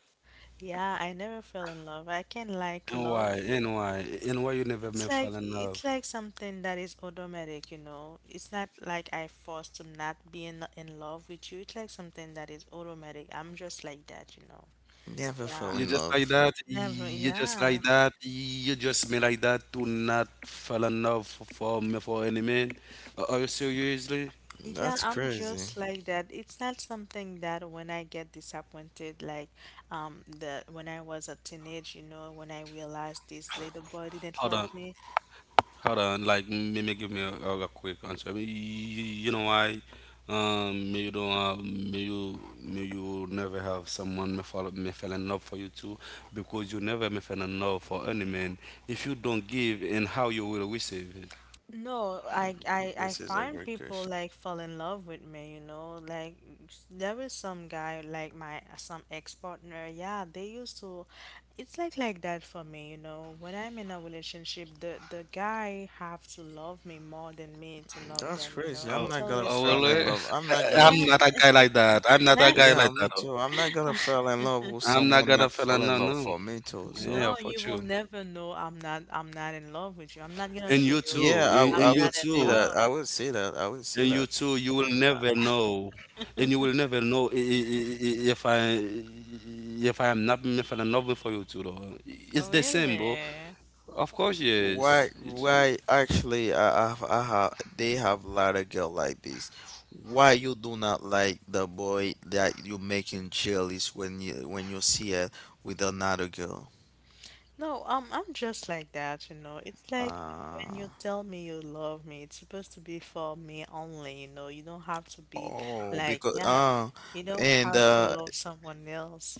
yeah, I never fell in love. I can like
why?
love you.
And why? And why you never may fall in
It's
love?
like something that is automatic, you know. It's not like I forced to not be in love with you. It's like something that is automatic. I'm just like that, you know.
Never fell
You
Yeah.
in
just like
love.
that.
Never,
You just like
yeah.
that. You just me like that to not fall in love for for any man. Are you seriously?
Yeah,
That's
I'm
crazy.
just like that. It's not something that when I get disappointed, like the when I was a teenage, you know, when I realized this little boy didn't
Hold
love
on.
me,
Hold on, like maybe give me a, quick answer. I mean, you know why? May you don't have, may you never have someone may fall, may fell in love for you too, because you never may fell in love for any man if you don't give and how you will receive it.
no, I
This is a
find
great
people
question.
like fall in love with me, you know. Like there was some guy like my some ex-partner. Yeah, they used to it's like that for me, you know. When I'm in a relationship, the guy have to love me more than me to love
That's
them, you
crazy.
know.
I'm
Oh,
It's
not gonna
oh,
always
will
fall
like
in
that.
it?
love. I'm not gonna
Yeah.
I'm
f
not a guy like that. I'm not a guy
yeah,
like
me
that.
too. I'm not gonna fall in love with
I'm not
someone
gonna
that
fell
fell
in
in
love.
love
No,
for me too.
yeah,
So
No,
for
you will
you.
never know I'm not in love with you. I'm not gonna
And
show
you
you
yeah,
too.
I'm
And
I
you
would
not in
see
too.
that.
love.
I would see
And
that.
you
I would
too,
see
you
that.
will never know. And you will never know if I am not if I'm not for you too though. It's
Oh,
the same, bro.
really?
Of course,
Why,
yes. It's,
why, actually, they have a lot of girl like this. Why you do not like the boy that you making jealous when you see her with another girl?
No, I'm just like that, you know. It's like when
Uh,
you tell me you love me, it's supposed to be for me only, you know. You don't have to be
oh,
like,
because
yeah, you don't
and
have to love someone else.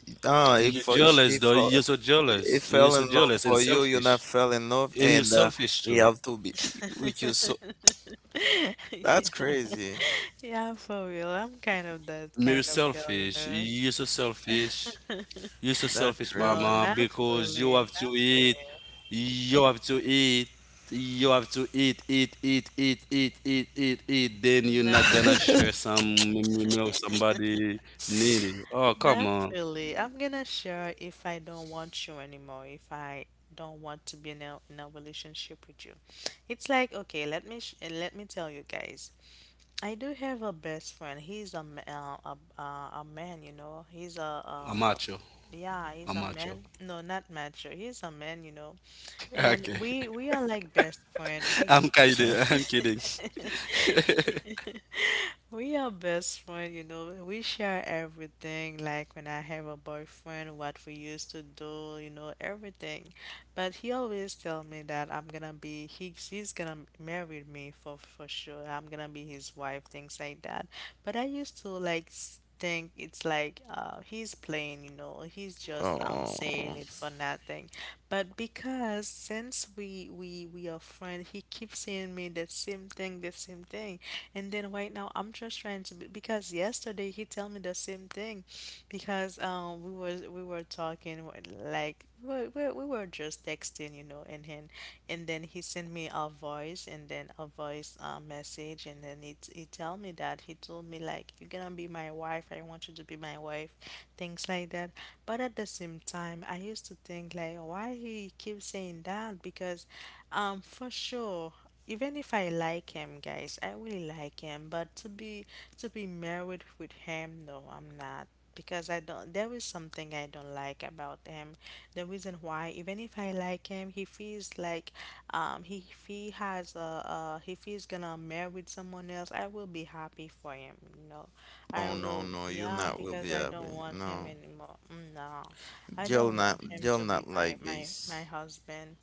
you're jealous though. You're
if
so jealous, and you're so
he fell
jealous
in
and
love for
selfish,
you, you not fell in
and you're
love, and
selfish
uh,
too.
he have to be with you. So
Yeah.
that's crazy.
Yeah, for real. I'm kind of that
You're
kind of girl, you
selfish.
know.
You're so selfish. You're so
That
selfish,
No,
crazy.
mama,
not
because you
really.
have to
Not
eat.
really.
You have to eat. You have to eat, eat, eat, eat, eat, eat, eat, eat. Then you're not
Not
gonna share some meal somebody needed. Oh, come on.
Naturally, I'm gonna share if I don't want you anymore, if I don't want to be in a relationship with you. It's like, okay, let me let me tell you guys. I do have a best friend. He's a a man, you know. He's a,
I'm macho.
yeah, he's a
I'm
man.
macho.
No, not mature. He's a man, you know. And
Okay.
we are like best friend. We
I'm kidding. I'm kidding.
We are best friend, you know. We share everything, like when I have a boyfriend, what we used to do, you know, everything. But he always tell me that I'm gonna be he's gonna marry me for sure. I'm gonna be his wife, things like that. But I used to like think it's like he's playing, you know. He's just
Oh.
saying it for nothing. But because since we are friends, he keeps saying me the same thing, the same thing. And then right now I'm just trying to be, because yesterday he tell me the same thing because we were talking like we were just texting, you know. And then he sent me a voice, and then a voice message, and then he tell me that he told me like you're gonna be my wife. I want you to be my wife, things like that. But at the same time, I used to think like why he keeps saying that, because for sure, even if I like him, guys, I really like him, but to be married with him, no, I'm not, because I don't there is something I don't like about him. The reason why, even if I like him, he feels like he if he has a if he's gonna marry with someone else, I will be happy for him, you know. I
No, no,
will
no, you
yeah,
not will
because
be
I
happy.
don't want him
No,
anymore. Mm, no. I don't want him
you'll
to be
not
my
like this.
husband.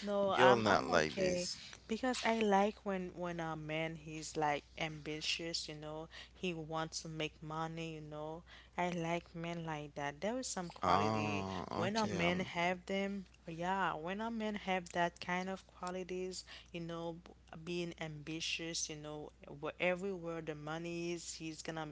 No,
You'll not
I'm
like
okay
this.
because I like when a man he's like ambitious, you know, he wants to make money, you know. I like men like that. There is some quality
Oh,
when a
okay.
man have them. Yeah, when a man have that kind of qualities, you know, being ambitious, you know, where everywhere the money is,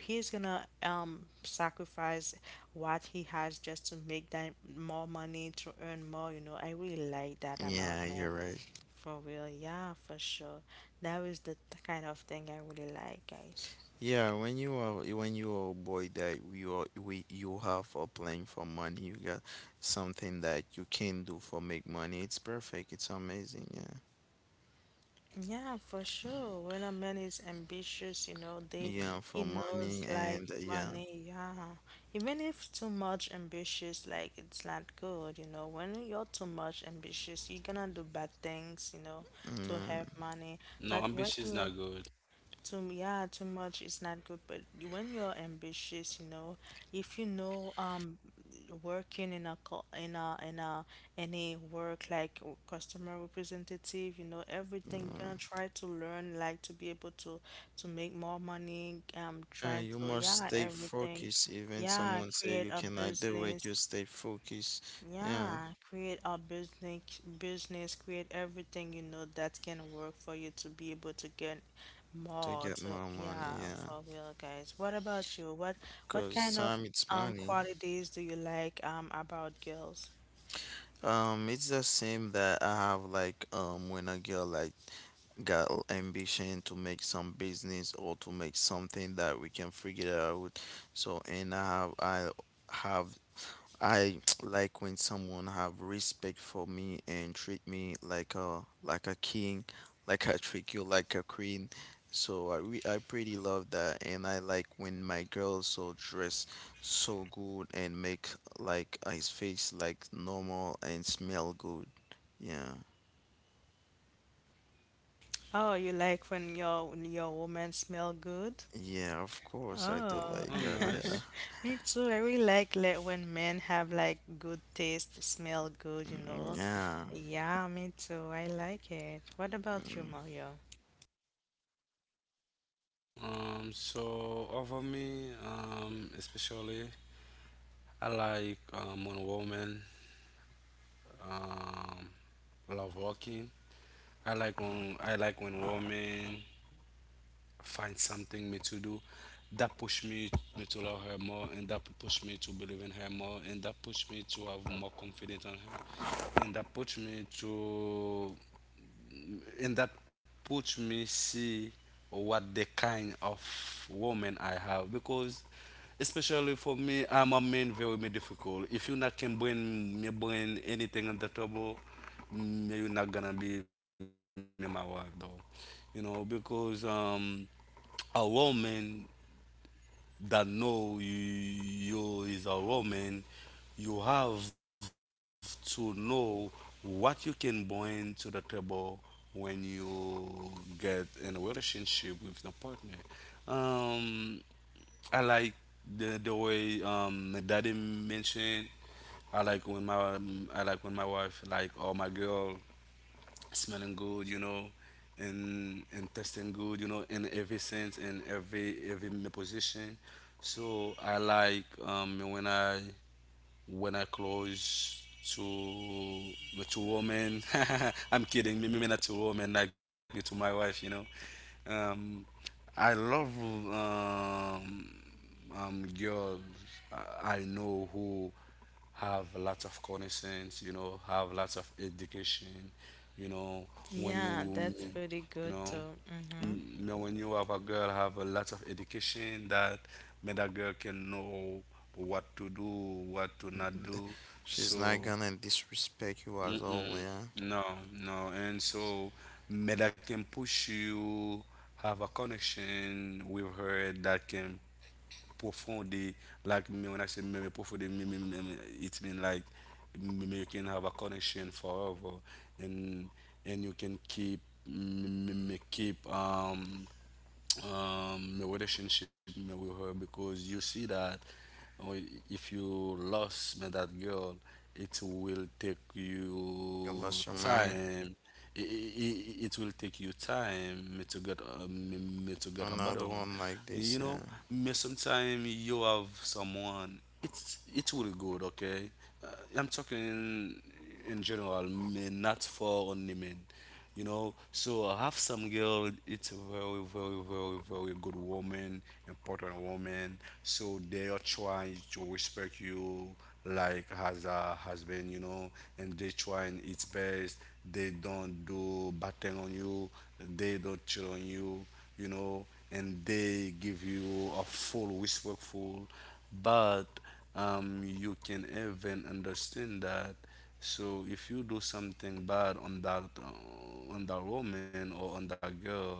he's gonna sacrifice what he has just to make that more money, to earn more, you know. I really like that
Yeah,
about men,
you're right.
for real. Yeah, for sure. That is the kind of thing I really like, guys.
Yeah, when you are a boy that you are we you have for playing for money, you got something that you can do for make money. It's perfect. It's amazing. Yeah,
Yeah, for sure. When a man is ambitious, you know, they
yeah,
he
for
knows
money
like
and yeah,
money. Yeah, even if too much ambitious, like it's not good, you know. When you're too much ambitious, you're gonna do bad things, you know, to have
mm,
money,
No,
but
ambition
when
is not
you
good.
too, yeah, too much is not good, but when you're ambitious, you know, if you know, working in a any work like customer representative, you know, everything gonna
yeah.
try to learn, like to be able to make more money. Trying
You
to,
must
yeah,
stay
everything,
focused. Even
yeah,
someone say
create
you
a
cannot do it,
business.
you stay focused. Yeah,
Yeah, create a business, business, create everything you know that can work for you to be able to get
to
more,
get
to
more money.
yeah,
Yeah,
for real guys. What about you? What
cause
kind of
time it's money.
qualities do you like about girls?
It's the same that I have like when a girl like ambition to make some business or to make something that we can figure out. So and have I like when someone have respect for me and treat me like a king, like I treat you like a queen. So I pretty love that, and I like when my girls so dress so good and make like his face like normal and smell good. Yeah,
Oh, you like when your woman smell good?
Oh,
yeah,
nice.
of course I do
Oh,
like that. Yeah,
me too. I really like when men have like good taste, smell good, you know.
yeah.
Yeah, me too. I like it. What about you, Mario?
So over me, especially I like one woman. Um, I love walking. I like when women find something me to do that push me me to love her more, and that push me to believe in her more, and that push me to have more confidence on her, and that push me to and that puts me see what the kind of woman I have, because especially for me I'm a man very me difficult. If you not can bring me bring anything on the table, me you not gonna be me my wife though. You know, because a woman that know you, you is a Roman, you have to know what you can bring to the table when you get in a relationship with the partner. Um, I like the way my daddy mentioned. I like when my I like when my wife like or my girl smelling good, you know, and tasting good, you know, in every sense, in every position. So I like when I close to to woman. I'm kidding, me, me not to woman like me to my wife, you know. Um, I love um girls I know who have lots of connaissance, you know, have lots of education, you know, when
Yeah,
you,
that's pretty
you
good
know,
too. Mm-hmm.
when you have a girl have a lot of education that made a girl can know what to do, what to not do.
She's
So,
not gonna disrespect you as all.
mm-mm,
Yeah,
no, no. And so, made that can push you have a connection with her that can profoundly like me when I say me profoundly me, it means like me, you can have a connection forever, and and you can keep keep your relationship me with her, because you see that uh, if you lost me that girl, it will take
you
you
lost your mind.
time. It will take you time me to get me to get a better
Another
one.
one like
You
this.
know,
Yeah.
me sometime you have someone. It's it will good, okay. Uh, I'm talking in general, me not for only men, you know. So I have some girl. It's a very, very, very, very good woman, important woman. So they are trying to respect you like as a husband, you know, and they trying its best. They don't do bad thing on you. They don't cheat on you, you know, and they give you a full respectful. But you can even understand that so if you do something bad on that woman or on that girl,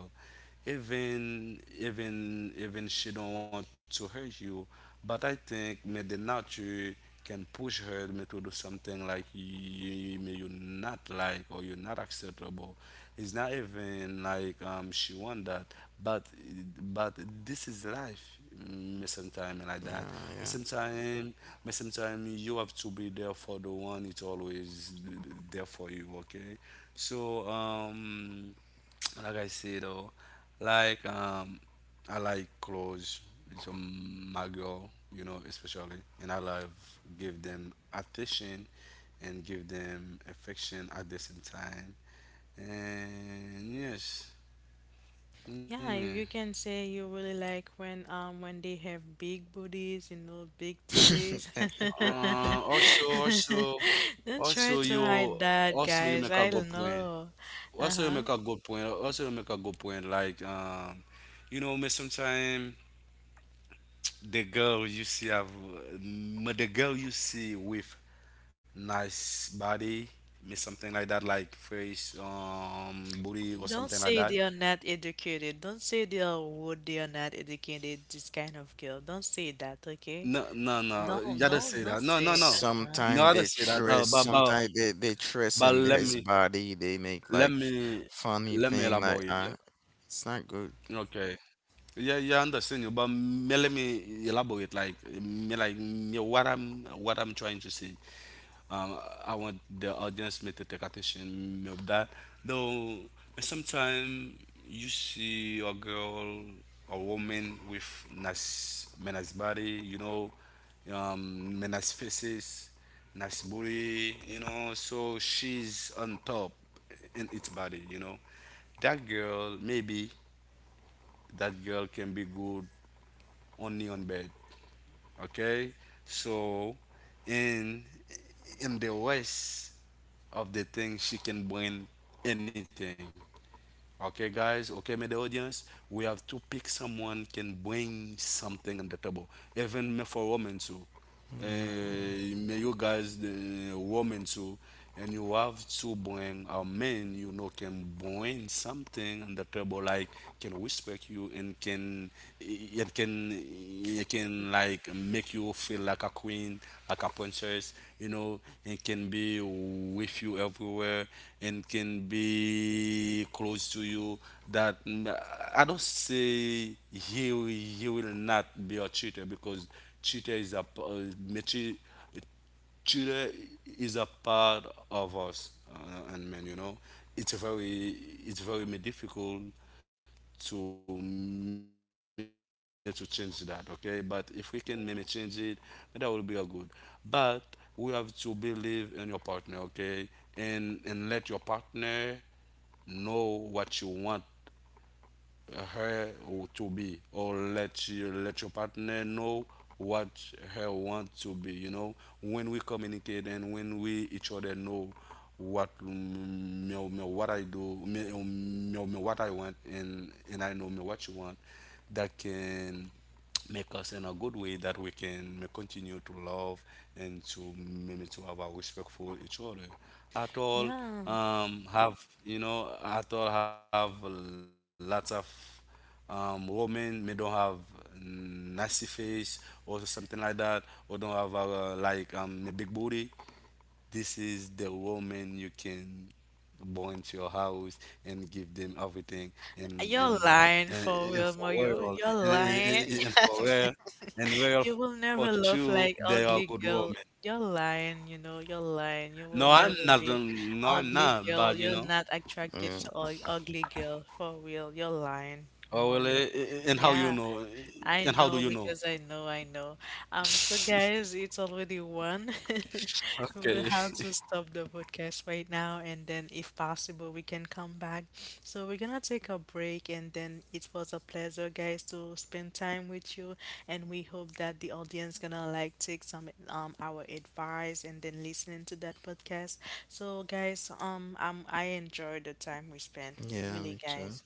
even even even she don't want to hurt you, but I think may the nature can push her to do something like you not like or you're not acceptable. It's not even like she want that, but but this is life. Sometime like that. But
Yeah,
sometime, but sometime you have to be there for the one. It's always there for you. Okay, so like I say, though, like I like clothes. It's my girl, you know, especially, and I love give them attention and give them affection at the same time. And yes, yeah.
Yeah, you can say you really like when they have big booties, you know, big titties.
yeah.
Also, also,
Don't try
also,
to
you
hide that,
also you
guys.
make a
I
good
don't
point.
know.
Also, you
Uh-huh.
make a good point. Also, you make a good point. Like, you know, me sometimes the girl you see have the girl you see with nice body me something like that like face booty or
Don't
something like
say
that.
they are not educated. Don't say they are would they are not educated, this kind of girl. Don't say that, okay?
No no no you
Don't
gotta say
don't
that
don't
no no
say
no.
uh-huh.
No
Sometimes
I don't
they
say that no,
dress, sometimes they
but let
dress in
me
his body. They
let
make
me
like
let
funny
me
thing like
elaborate.
it's not good.
Okay, yeah yeah I understand you but me, let me elaborate like me what I'm trying to say. Um, I want the audience may to take attention of that. Though sometimes you see a girl, a woman with nice, nice body, you know, nice faces, nice booty, you know. So she's on top in its body, you know. That girl, maybe that girl can be good only on bed, okay? So, in in the West, of the thing, she can bring anything. Okay, guys. Okay, my dear audience, we have to pick someone can bring something on the table. Even me for women too.
Yeah, yeah,
May you guys, the women too, and you have to bring a man you know can bring something on the table like can respect you and can it can it can like make you feel like a queen, like a princess. You know, it can be with you everywhere, and can be close to you. That I don't say he will not be a cheater because cheater is a Chile is a part of us, and man, you know, it's very, it's very difficult to me to change that. Okay, but if we can maybe change it, that will be a good. But we have to believe in your partner. Okay, and let your partner know what you want her to be or let you let your partner know what her want to be, you know, when we communicate and when we each other know what what I do me, what I want and I know me what you want that can make us in a good way that we can may continue to love and to maybe to have a respect for each other at all.
Yeah,
Um have you know at all have lots of women may don't have nasty face or something like that or don't have a, like a big booty, this is the woman you can born to your house and give them everything and
you're
and
lying for
and
real,
for
Mario.
royal
You're lying.
and for royal and royal
You
for
will never
you
love
they are
like
good
ugly
women.
girl. You're lying, you know, you're lying.
No
You will
I'm not
never be
no I'm
ugly
not, but
girl.
you
You're
know.
not attracted
yeah,
to ugly girl for real. You're lying,
Oh well,
Mario.
and how you
Yeah.
know, eh,
I
and how do
know
you know?
because I know, I know. So guys, it's already 1:00. We'll
Okay.
have to stop the podcast right now, and then if possible, we can come back. So we're gonna take a break, and then it was a pleasure, guys, to spend time with you, and we hope that the audience gonna like take some our advice, and then listening to that podcast. So guys, I enjoyed the time we spent,
yeah. Me
really,
too.
guys.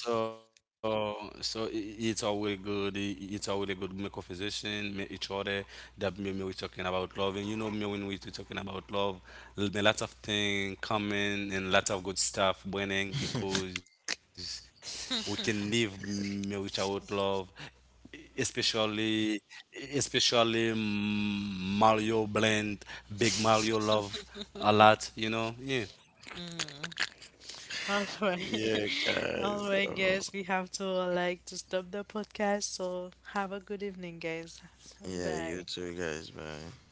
So, so it's always good. It's always good make conversation, meet each other. That me, me we talking about love, and you know me when we talking about love, me lots of things coming and lots of good stuff burning, because we can live me without love, especially especially Mario blend, big Mario love a lot. You know, yeah.
All right.
Yeah, guys.
All right, guys. We have to like to stop the podcast. So have a good evening, guys.
Yeah, you
Bye.
too, guys. Bye.